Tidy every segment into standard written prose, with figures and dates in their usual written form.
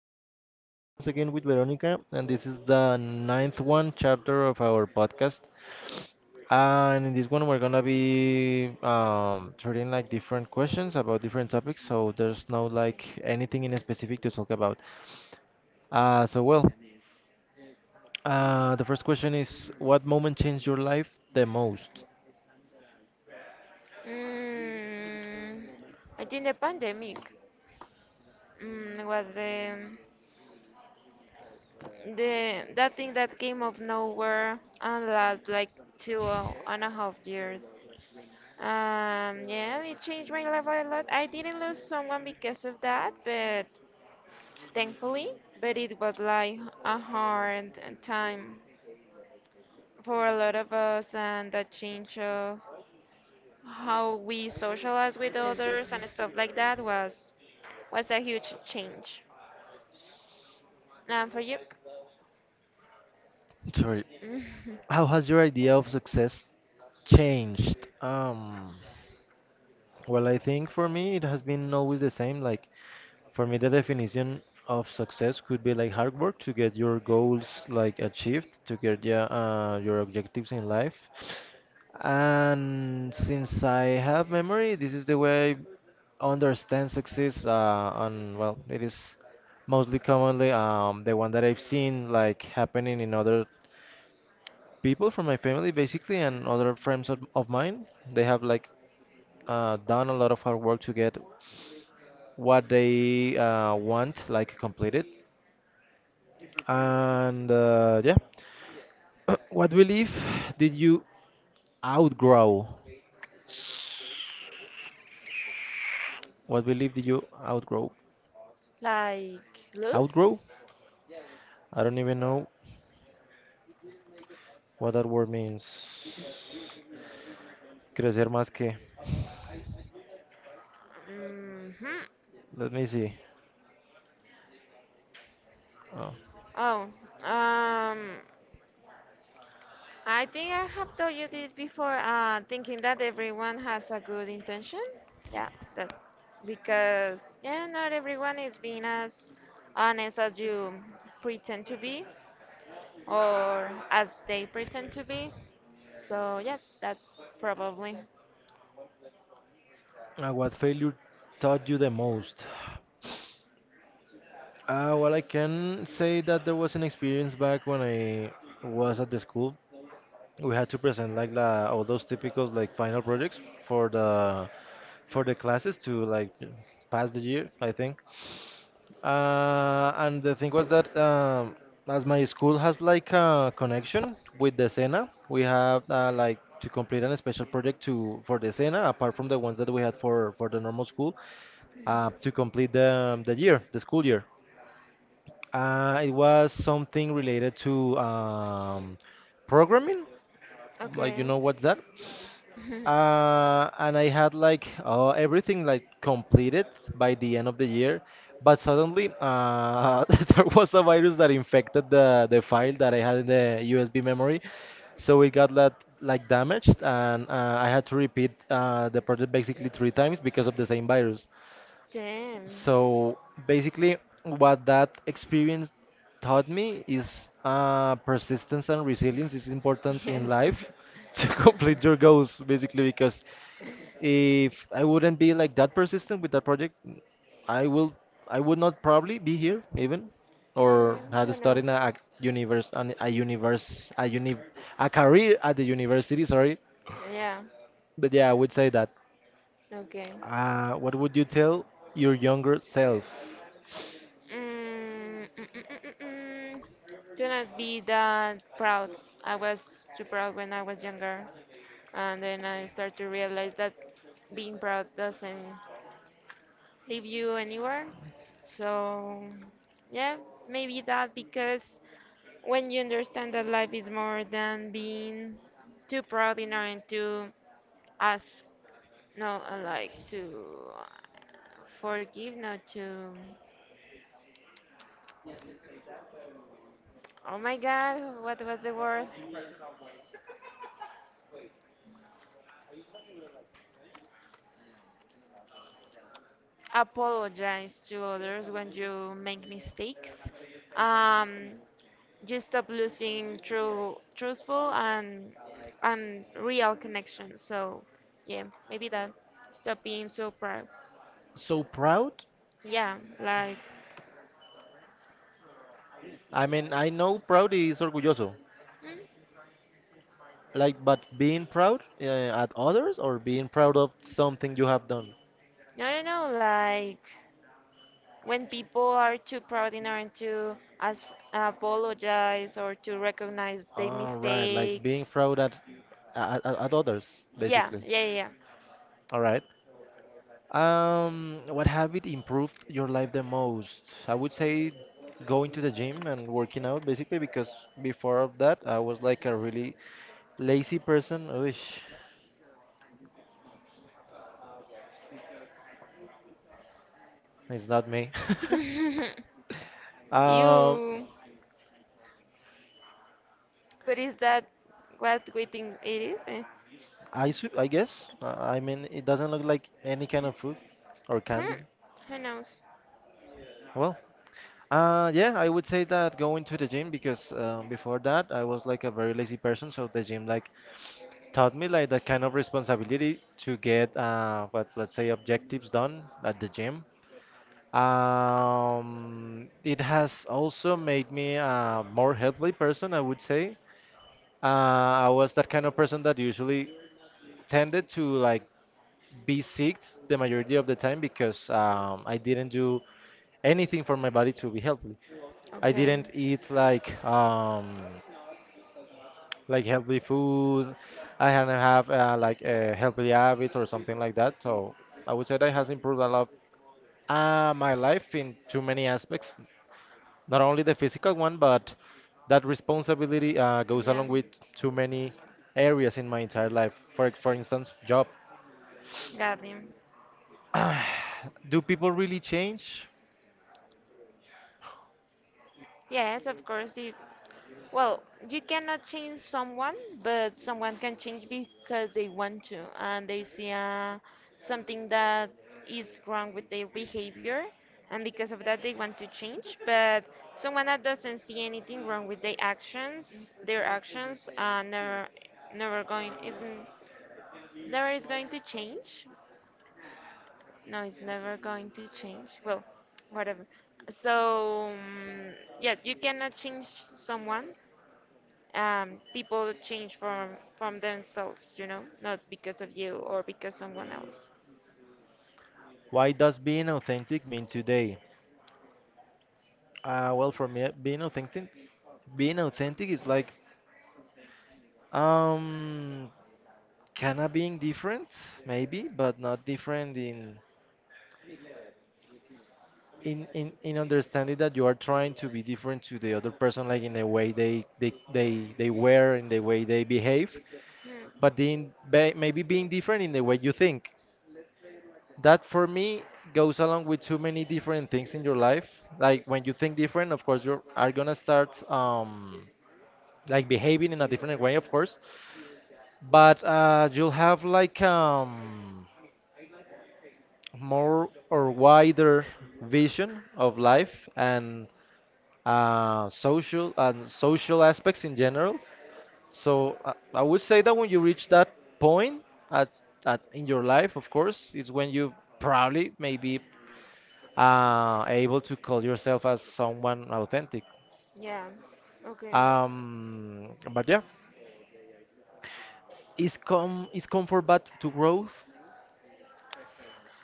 We are here once again with Veronica, and this is the ninth one chapter of our podcast. And in this one, we're gonna be treating like different questions about different topics, so there's no like anything in specific to talk about. Uh, so well, the first question is, what moment changed your life the most? Mm, I think the pandemic was the that thing that came out of nowhere and last like 2.5 years. Yeah, it changed my life a lot. I didn't lose someone because of that, but thankfully, but it was like a hard time for a lot of us, and that change of how we socialize with others and stuff like that was a huge change. And for you? Sorry, how has your idea of success changed? Well, I think for me it has been always the same. Like for me, the definition of success could be like hard work to get your goals like achieved, to get yeah, your objectives in life. And since I have memory, this is the way I understand success. And well, it is mostly commonly the one that I've seen like happening in other people from my family basically and other friends of mine they have like done a lot of hard work to get what they want like completed and yeah. What belief did you outgrow? What belief did you outgrow? Like loose? Outgrow. I don't even know what that word means. Crecer más que. Hmm. Let me see. Oh. Oh, um, I think I have told you this before. Thinking that everyone has a good intention. Yeah, that because yeah, not everyone is being as honest as you pretend to be or as they pretend to be. So yeah, that probably. What failure taught you the most? I can say that there was an experience back when I was at the school. We had to present all those typicals like final projects for the for the classes to like pass the year, I think. And the thing was that as my school has like a connection with the Sena, we have like to complete a special project to for the Sena apart from the ones that we had for the normal school to complete the year, the school year. It was something related to programming. Like, Okay. you know what's that? And I had like everything like completed by the end of the year, but suddenly there was a virus that infected the file that I had in the USB memory, so it got that like damaged, and I had to repeat the project basically three times because of the same virus. James. So basically, what that experience taught me is persistence and resilience is important in Yes. life to complete your goals, basically, because if I wouldn't be like that persistent with that project, I will I would not probably be here even or had Who knows? started a universe an, a universe a uni a career at the university, sorry. Yeah. But yeah, I would say that. Okay. What would you tell your younger self? Mm, mm, mm, mm, mm, mm. Do not be that proud. I was too proud when I was younger, and then I start to realize that being proud doesn't leave you anywhere. So, yeah, maybe that because when you understand that life is more than being too proud in order to ask, no, like to uh, forgive, not to. Oh my God, what was the word? Apologize to others when you make mistakes. Um, you stop losing true, truthful and real connection. So yeah, maybe that. Stop being so proud. So proud? Yeah, like I mean, I know proud is orgulloso, mm, like, but being proud at others or being proud of something you have done. I don't know, like when people are too proud in order to ask, apologize or to recognize their All right, like being mistakes. proud at others, Yeah, basically. yeah, All right. What habit improved your life the most? I would say going to the gym and working out, basically, because before of that, I was like a really lazy person. Which it's not me. yeah. Um, You, but is that what we think it is? Eh? I, I guess. I mean, it doesn't look like any kind of food or Hmm, candy. who knows? Well, yeah, I would say that going to the gym because before that I was like a very lazy person. So the gym like taught me like that kind of responsibility to get what let's say objectives done at the gym. It has also made me a more healthy person, I would say. I was that kind of person that usually tended to like be sick the majority of the time because I didn't do anything for my body to be healthy. I Okay, didn't eat like healthy food. I hadn't have like a healthy habits or something like that. So I would say that has improved a lot my life in too many aspects. Not only the physical one, but that responsibility goes yeah, along with too many areas in my entire life. For instance, job. got him. Do people really change? Yes, of course. Well, you cannot change someone, but someone can change because they want to, and they see something that is wrong with their behavior, and because of that they want to change. But someone that doesn't see anything wrong with their actions are never, never going. Isn't never is going to change. No, it's never going to change. Well, whatever. So yeah, you cannot change someone. People change from themselves, you know, not because of you or because someone else. Why does being authentic mean today? For me, being authentic is like, um, kind of being different, maybe, but not different in understanding that you are trying to be different to the other person, like in the way they wear, in the way they behave, Hmm. but then be, maybe being different in the way you think. That for me goes along with too many different things in your life. Like when you think different, of course you are gonna start like behaving in a different way, of course. But you'll have like more or wider vision of life and social aspects in general. So I would say that when you reach that point at, at in your life, of course, is when you probably maybe able to call yourself as someone authentic. Yeah. Okay. But yeah, is comfort bad to growth?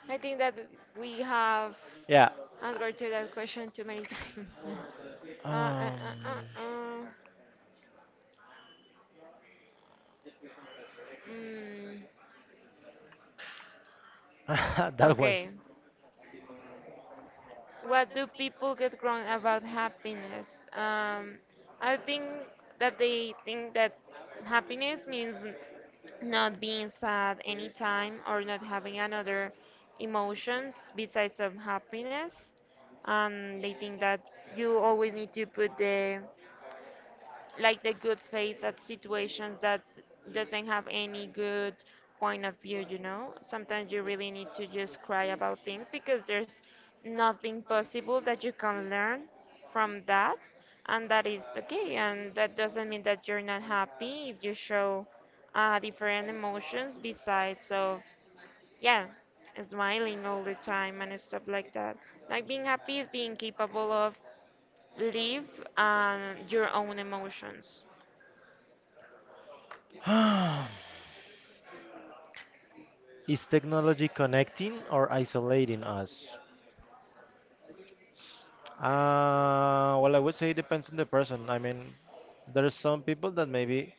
I think that we have Yeah. answered to that question too many times. uh, uh, Um, uh, uh, uh. Mm, that was. okay. What do people get wrong about happiness? I think that they think that happiness means not being sad anytime or not having another emotions besides of happiness. And they think that you always need to put the like the good face at situations that doesn't have any good point of view. You know, sometimes you really need to just cry about things because there's nothing possible that you can learn from that, and that is okay, and that doesn't mean that you're not happy if you show different emotions besides of yeah smiling all the time and stuff like that. Like being happy is being capable of live your own emotions. Is technology connecting or isolating us? I would say it depends on the person. I mean, there's some people that maybe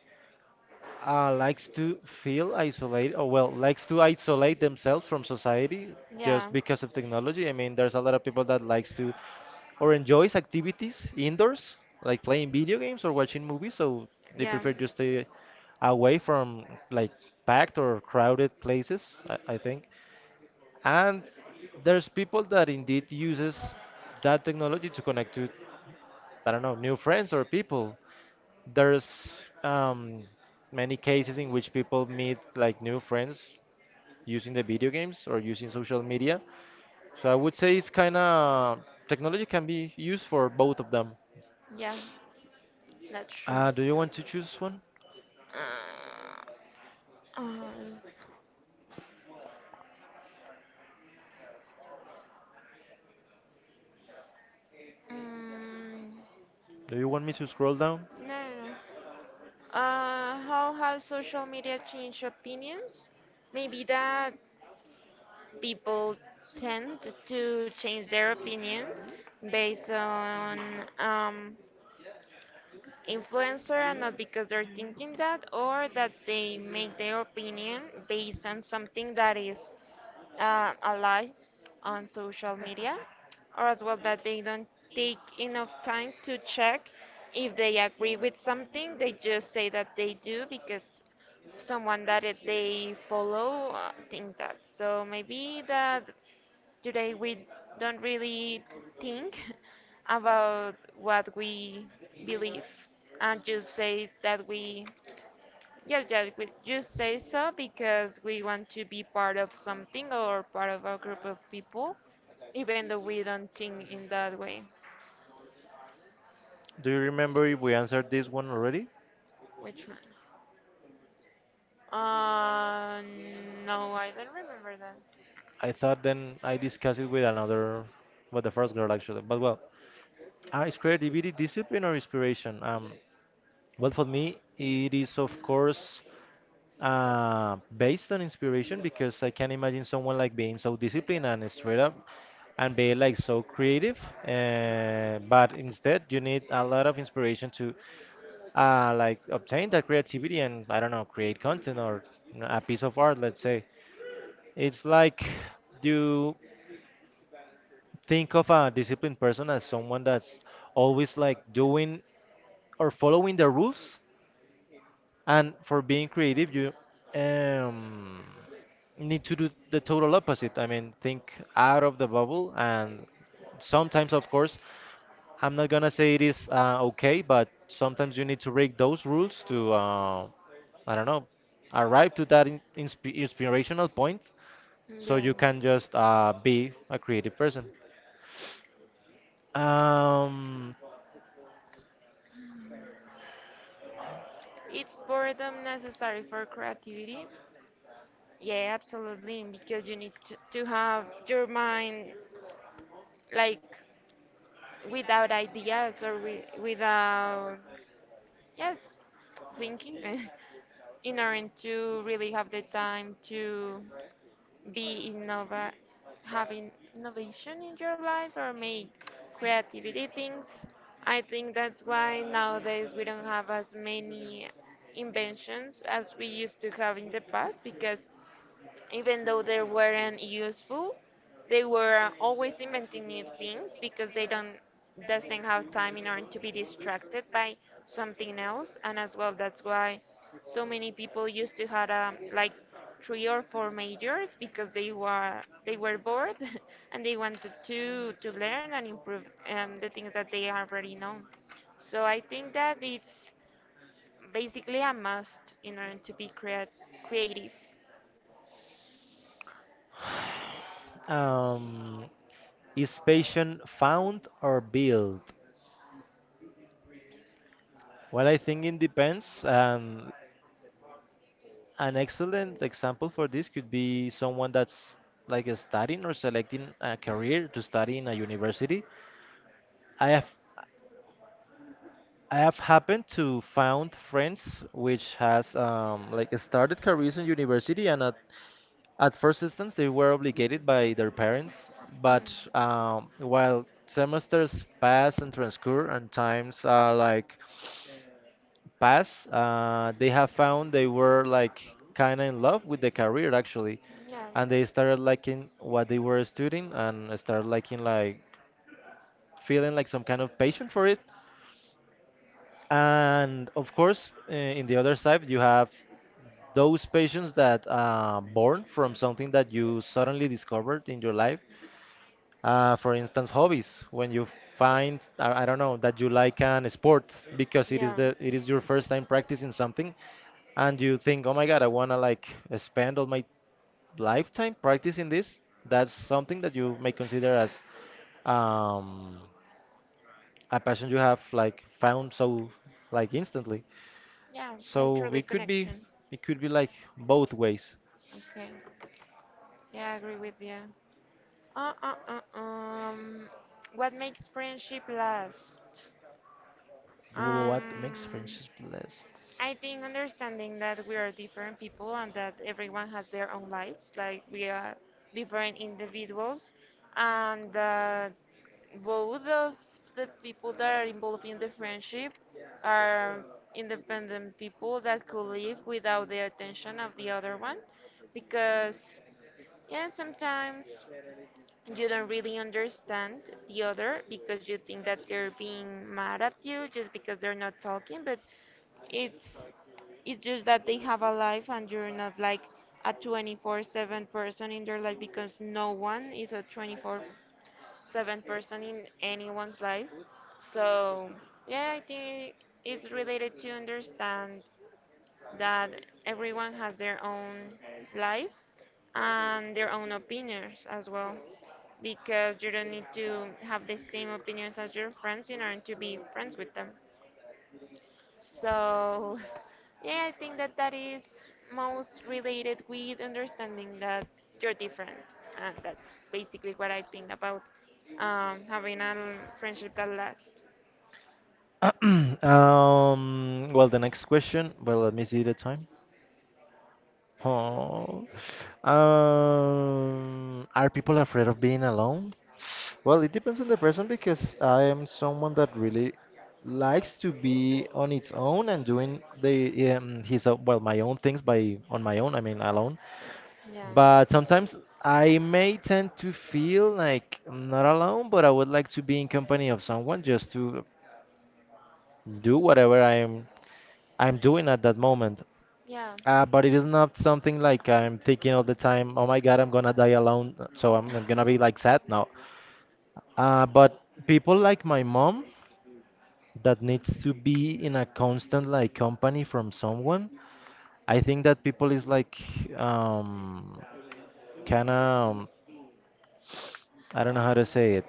likes to feel isolated, or well, likes to isolate themselves from society Yeah, just because of technology. I mean, there's a lot of people that likes to or enjoys activities indoors, like playing video games or watching movies. So they yeah, prefer to stay away from like packed or crowded places, I think. And there's people that indeed uses that technology to connect to, I don't know, new friends or people. There's um, many cases in which people meet like new friends using the video games or using social media. So I would say it's kind of technology can be used for both of them. yeah, that's true. Do you want to choose one? Uh, um, mm, Do you want me to scroll down? no, no, no. How has social media changed opinions? Maybe that people tend to change their opinions based on um, influencer and not because they're thinking that, or that they make their opinion based on something that is a lie on social media, or as well that they don't take enough time to check if they agree with something. They just say that they do because someone that they follow think that. So maybe that today we don't really think about what we believe and just say that we yeah, yes, yeah, we just say so because we want to be part of something or part of a group of people, even though we don't think in that way. Do you remember if we answered this one already? Which one? Uh, no, I don't remember that. I thought then I discussed it with another, with the first girl actually. But well, is creativity discipline or inspiration? Well, for me, it is of course based on inspiration because I can imagine someone like being so disciplined and straight up and be like so creative. But instead, you need a lot of inspiration to like obtain that creativity and I don't know, create content or a piece of art, let's say. It's like you think of a disciplined person as someone that's always like doing or following the rules, and for being creative, you um, need to do the total opposite. I mean, think out of the bubble. And sometimes, of course, I'm not gonna say it is okay, but sometimes you need to break those rules to, I don't know, arrive to that in insp inspirational point so Yeah. you can just be a creative person. Um, It's boredom necessary for creativity? Yeah, absolutely, because you need to have your mind like without ideas or wi without, yes, thinking. In order to really have the time to be innova having innovation in your life or make creativity things. I think that's why nowadays we don't have as many inventions as we used to have in the past, because even though they weren't useful they were always inventing new things because they don't doesn't have time in order to be distracted by something else, and as well that's why so many people used to had like three or four majors because they were bored and they wanted to learn and improve the things that they already know. So I think that it's basically a must in order to be creative. um, is passion found or built? Well, I think it depends. An excellent example for this could be someone that's like studying or selecting a career to study in a university. I have I have happened to found friends which has like started careers in university and at first instance they were obligated by their parents, but Mm. While semesters pass and transcur and times like past, they have found they were like kind of in love with the career actually, Yeah. and they started liking what they were studying and started liking like feeling like some kind of passion for it. And of course, in the other side, you have those patients that are born from something that you suddenly discovered in your life for instance, hobbies. When you find, I don't know, that you like an sport because Yeah. It is your first time practicing something, and you think, oh my God, I wanna like spend all my lifetime practicing this. That's something that you may consider as um, a passion you have like found so like instantly. Yeah. Like So truly connection. it could be like both ways. Okay. Yeah, I agree with you. Uh, uh, uh, um, what makes friendship last? What makes Um, friendships blessed? I think understanding that we are different people and that everyone has their own lives, like we are different individuals, and that both of the people that are involved in the friendship are independent people that could live without the attention of the other one, because yeah, sometimes you don't really understand the other because you think that they're being mad at you just because they're not talking, but it's it's just that they have a life and you're not like a 24/7 person in their life because no one is a 24/7 person in anyone's life. So, yeah, I think it's related to understand that everyone has their own life and their own opinions as well because you don't need to have the same opinions as your friends in order to be friends with them. So, yeah, I think that that is most related with understanding that you're different, and that's basically what I think about having a friendship that lasts. Um. Well, the next question. Well, let me see the time. Oh. Are people afraid of being alone? Well, it depends on the person because I am someone that really likes to be on its own and doing the well my own things by on my own. I mean alone. Yeah, But sometimes I may tend to feel like I'm not alone, but I would like to be in company of someone just to do whatever I'm doing at that moment. yeah. But it is not something like I'm thinking all the time, oh my God, I'm gonna die alone, so I'm gonna be like sad. No. But people like my mom that needs to be in a constant like company from someone, I think that people is like um, kind of, I don't know how to say it.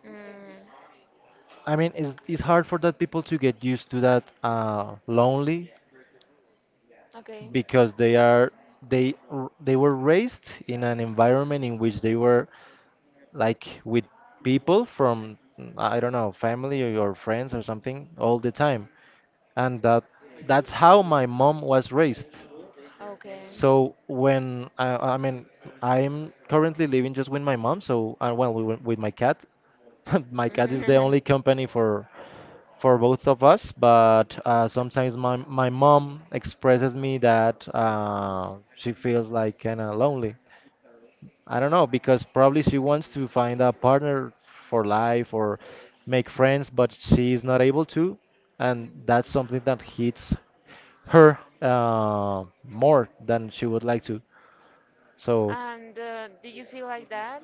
Mm, I mean, it's hard for that people to get used to that lonely okay, because they are they were raised in an environment in which they were like with people from I don't know family or your friends or something all the time, and that's how my mom was raised. okay. So I mean, I'm currently living just with my mom. So well, with my cat. My cat is the only company for both of us. But sometimes my mom expresses me that she feels like kind of lonely. I don't know because probably she wants to find a partner for life or make friends, but she is not able to, and Mm. that's something that hits her more than she would like to. So, And do you feel like that?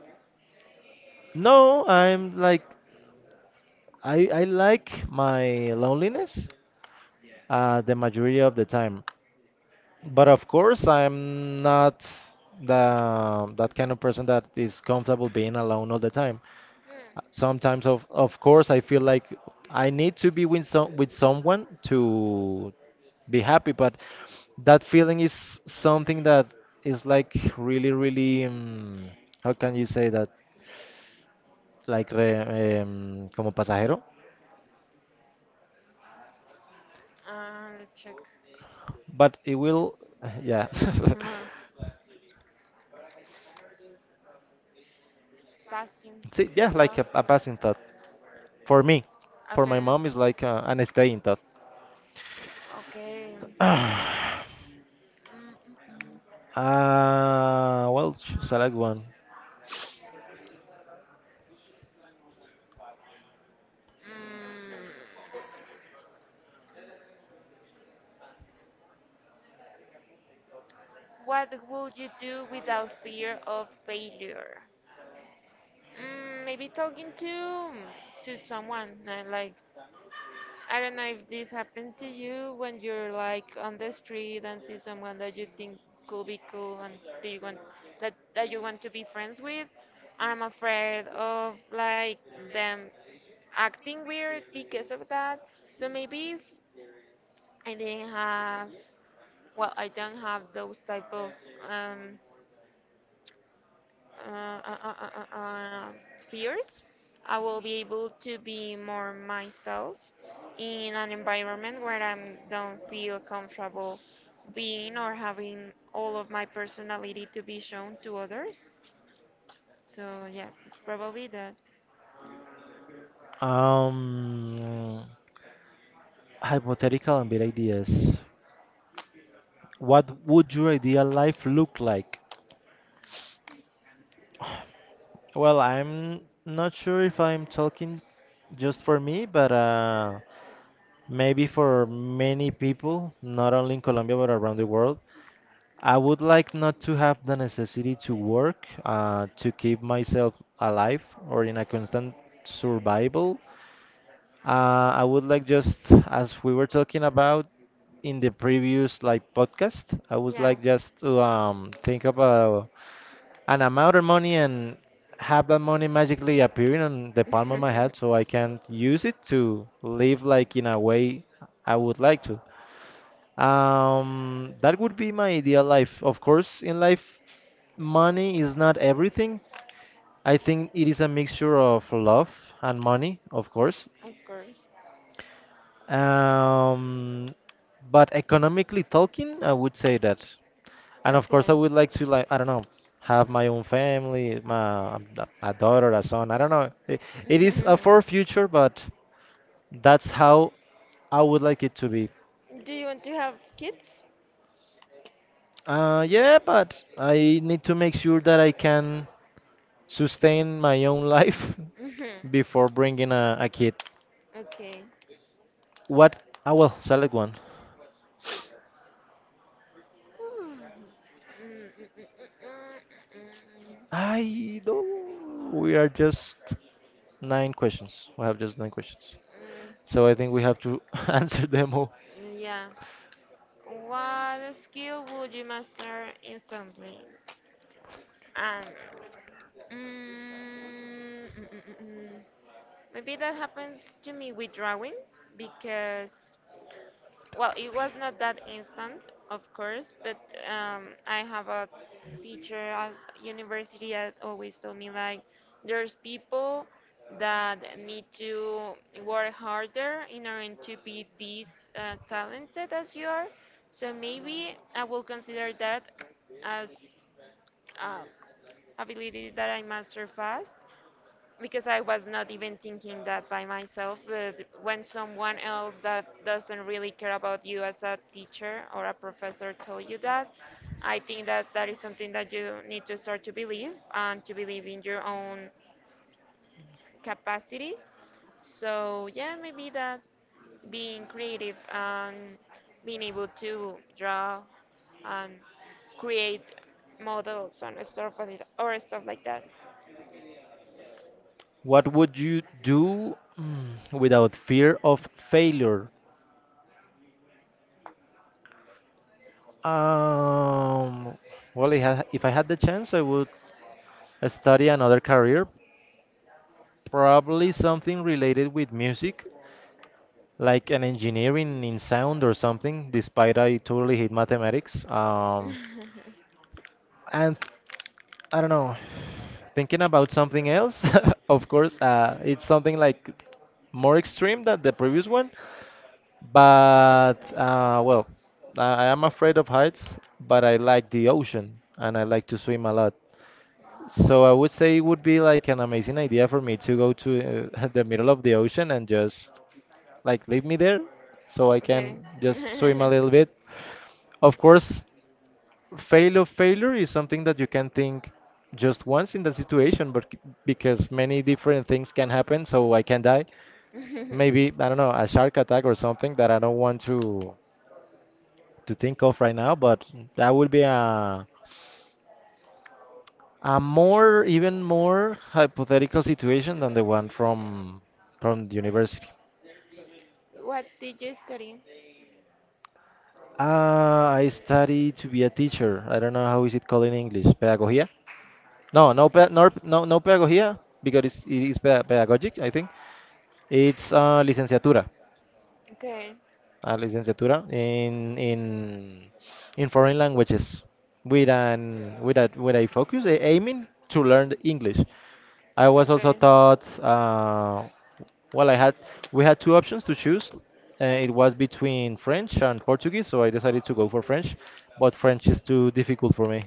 no, I'm like, I like my loneliness the majority of the time, but of course I'm not the that kind of person that is comfortable being alone all the time. Hmm. Sometimes, of course, I feel like I need to be with some with someone to be happy, but that feeling is something that is like really, really, how can you say that? Like re, como pasajero, Let's check. but it will, yeah. Huh. Passing. So, See, yeah, like a passing thought for me. For my okay, mom, is like an staying thought. okay. Mm, mm, mm. Select one. Mm, what would you do without fear of failure? Maybe talking to someone. Like I don't know if this happened to you when you're like on the street and see someone that you think could be cool and do you want that you want to be friends with. I'm afraid of like them acting weird because of that. So maybe if I didn't have, well, I don't have those type of um, uh, uh, uh, uh, uh, fears. I will be able to be more myself in an environment where I don't feel comfortable being or having all of my personality to be shown to others. So, yeah, probably that. Um, hypothetical and big ideas. What would your ideal life look like? Well, I'm not sure if I'm talking just for me, but maybe for many people, not only in Colombia but around the world. I would like not to have the necessity to work to keep myself alive or in a constant survival. I would like just as we were talking about in the previous like podcast, I would Yeah, like just to think about an amount of money and have that money magically appearing on the of palm of my hand so I can use it to live like in a way I would like to. That would be my ideal life. Of course, in life, money is not everything. I think it is a mixture of love and money, of course. course. Um, but economically talking, I would say that. And of Okay. course, I would like to like I don't know, have my own family, my a daughter, a son. I don't know. It is a far future, but that's how I would like it to be. Do you want to have kids? Yeah, but I need to make sure that I can sustain my own life Mhm. before bringing a kid. Okay. What? I will select one. Mm, mm, mm, mm, mm, mm, mm, I don't. We are just nine questions. We have just nine questions. mm, mm, So I think we have to answer them all. mm, yeah. What skill would you master instantly? Um, mm, mm, mm, mm, mm. Maybe that happens to me with drawing because, well, it was not that instant, of course, but I have a teacher at university that always told me like there's people that need to work harder in order to be this talented as you are. So maybe I will consider that as uh, ability that I master fast because I was not even thinking that by myself, but when someone else that doesn't really care about you as a teacher or a professor told you that, I think that that is something that you need to start to believe and to believe in your own capacities. So, yeah, maybe that, being creative and being able to draw and create models and stuff like that, or stuff like that. What would you do without fear of failure? Um, well, if I had the chance, I would study another career, probably something related with music, like an engineering in sound or something. Despite I totally hate mathematics, and I don't know, thinking about something else, of course, it's something like more extreme than the previous one. But well, I am afraid of heights, but I like the ocean and I like to swim a lot. So I would say it would be like an amazing idea for me to go to the middle of the ocean and just like leave me there so I Okay. can just swim a little bit. Of course, fail of failure is something that you can think just once in the situation, because many different things can happen, so I can die. Maybe, I don't know, a shark attack or something that I don't want to think of right now, but that would be a more even more hypothetical situation than the one from the university. What did you study? I study to be a teacher. I don't know how is it called in English. Pedagogía? No, pedagogía because it is pedagogic. I think it's licenciatura. Okay, A licenciatura in in foreign languages with a focus aiming to learn English. I was also okay. taught well I had we had two options to choose. It was between French and Portuguese, so I decided to go for French, but French is too difficult for me.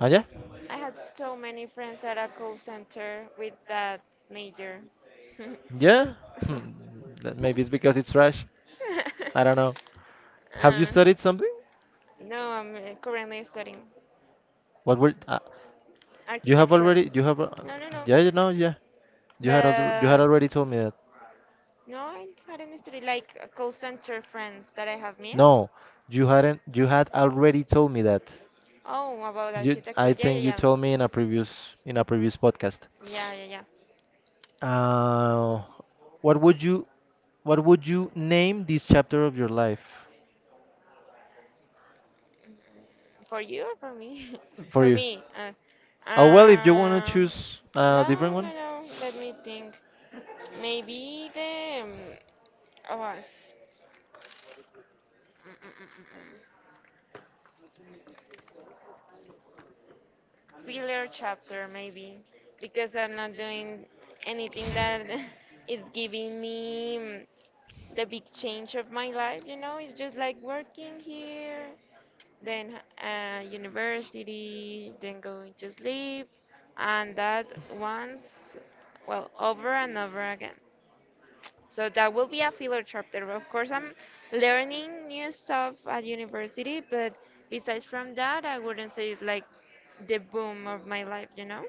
And yeah, I had so many friends at a call center with that major. yeah, hmm, that maybe it's because it's trash. I don't know. Have you Uh, studied something? no, I'm currently studying What were you have architecture. already, No, no, no. yeah, you know, yeah. You had But already told me that. no, I hadn't studied like a call center friends that I have met. No, you hadn't. You had already told me that. Oh, about You, architecture. I Yeah, yeah, think you yeah. told me in a previous podcast. Yeah, yeah, yeah. Uh, what would you what would you name this chapter of your life For you or for me? for For you? me. Oh well, if you wanna um, choose a no, different no, one. no. Let me think. Maybe the oh, mm, mm, mm. filler chapter, maybe, because I'm not doing anything that is giving me the big change of my life. You know, it's just like working here, then university, then going to sleep, and that once, well, over and over again. So that will be a filler chapter. Of course, I'm learning new stuff at university, but besides from that, I wouldn't say it's like the boom of my life, you know?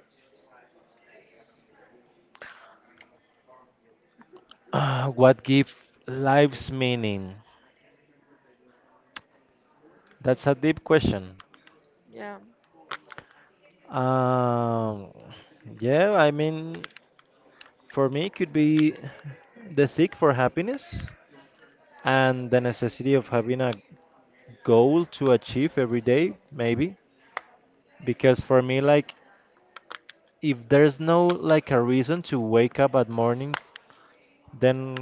What give life's meaning? That's a deep question. Yeah. Um, yeah, I mean, for me, it could be the seek for happiness and the necessity of having a goal to achieve every day, maybe. Because for me, like, if there's no like a reason to wake up at morning, then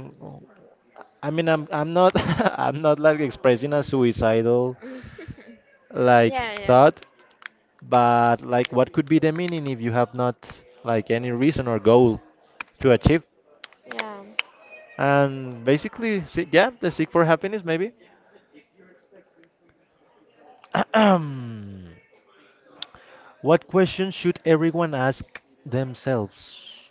I mean, I'm not I'm not like expressing a suicidal Yeah, like yeah, thought, but like what could be the meaning if you have not like any reason or goal to achieve? yeah. And basically, see, yeah, the seek for happiness maybe. What questions should everyone ask themselves?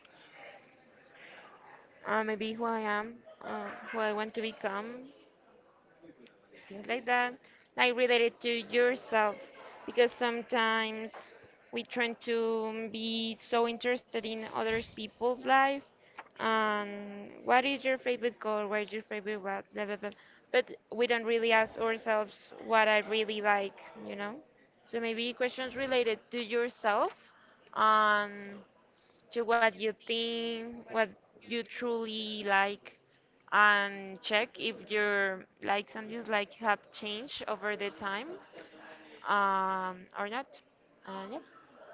Maybe who I am, who I want to become, things like that, like related to yourself, because sometimes we try to be so interested in other people's life and what is your favorite color, what is your favorite what, blah, blah, blah. But we don't really ask ourselves what I really like, you know? So maybe questions related to yourself, um, to what you think, what you truly like and check if your likes and dislikes have changed over the time or not. Yeah,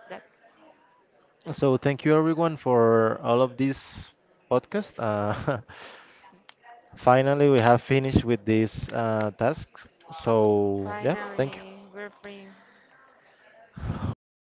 that So thank you everyone for all of this podcast. Finally, we have finished with this task. So yeah, thank you. finally we're free. Oh.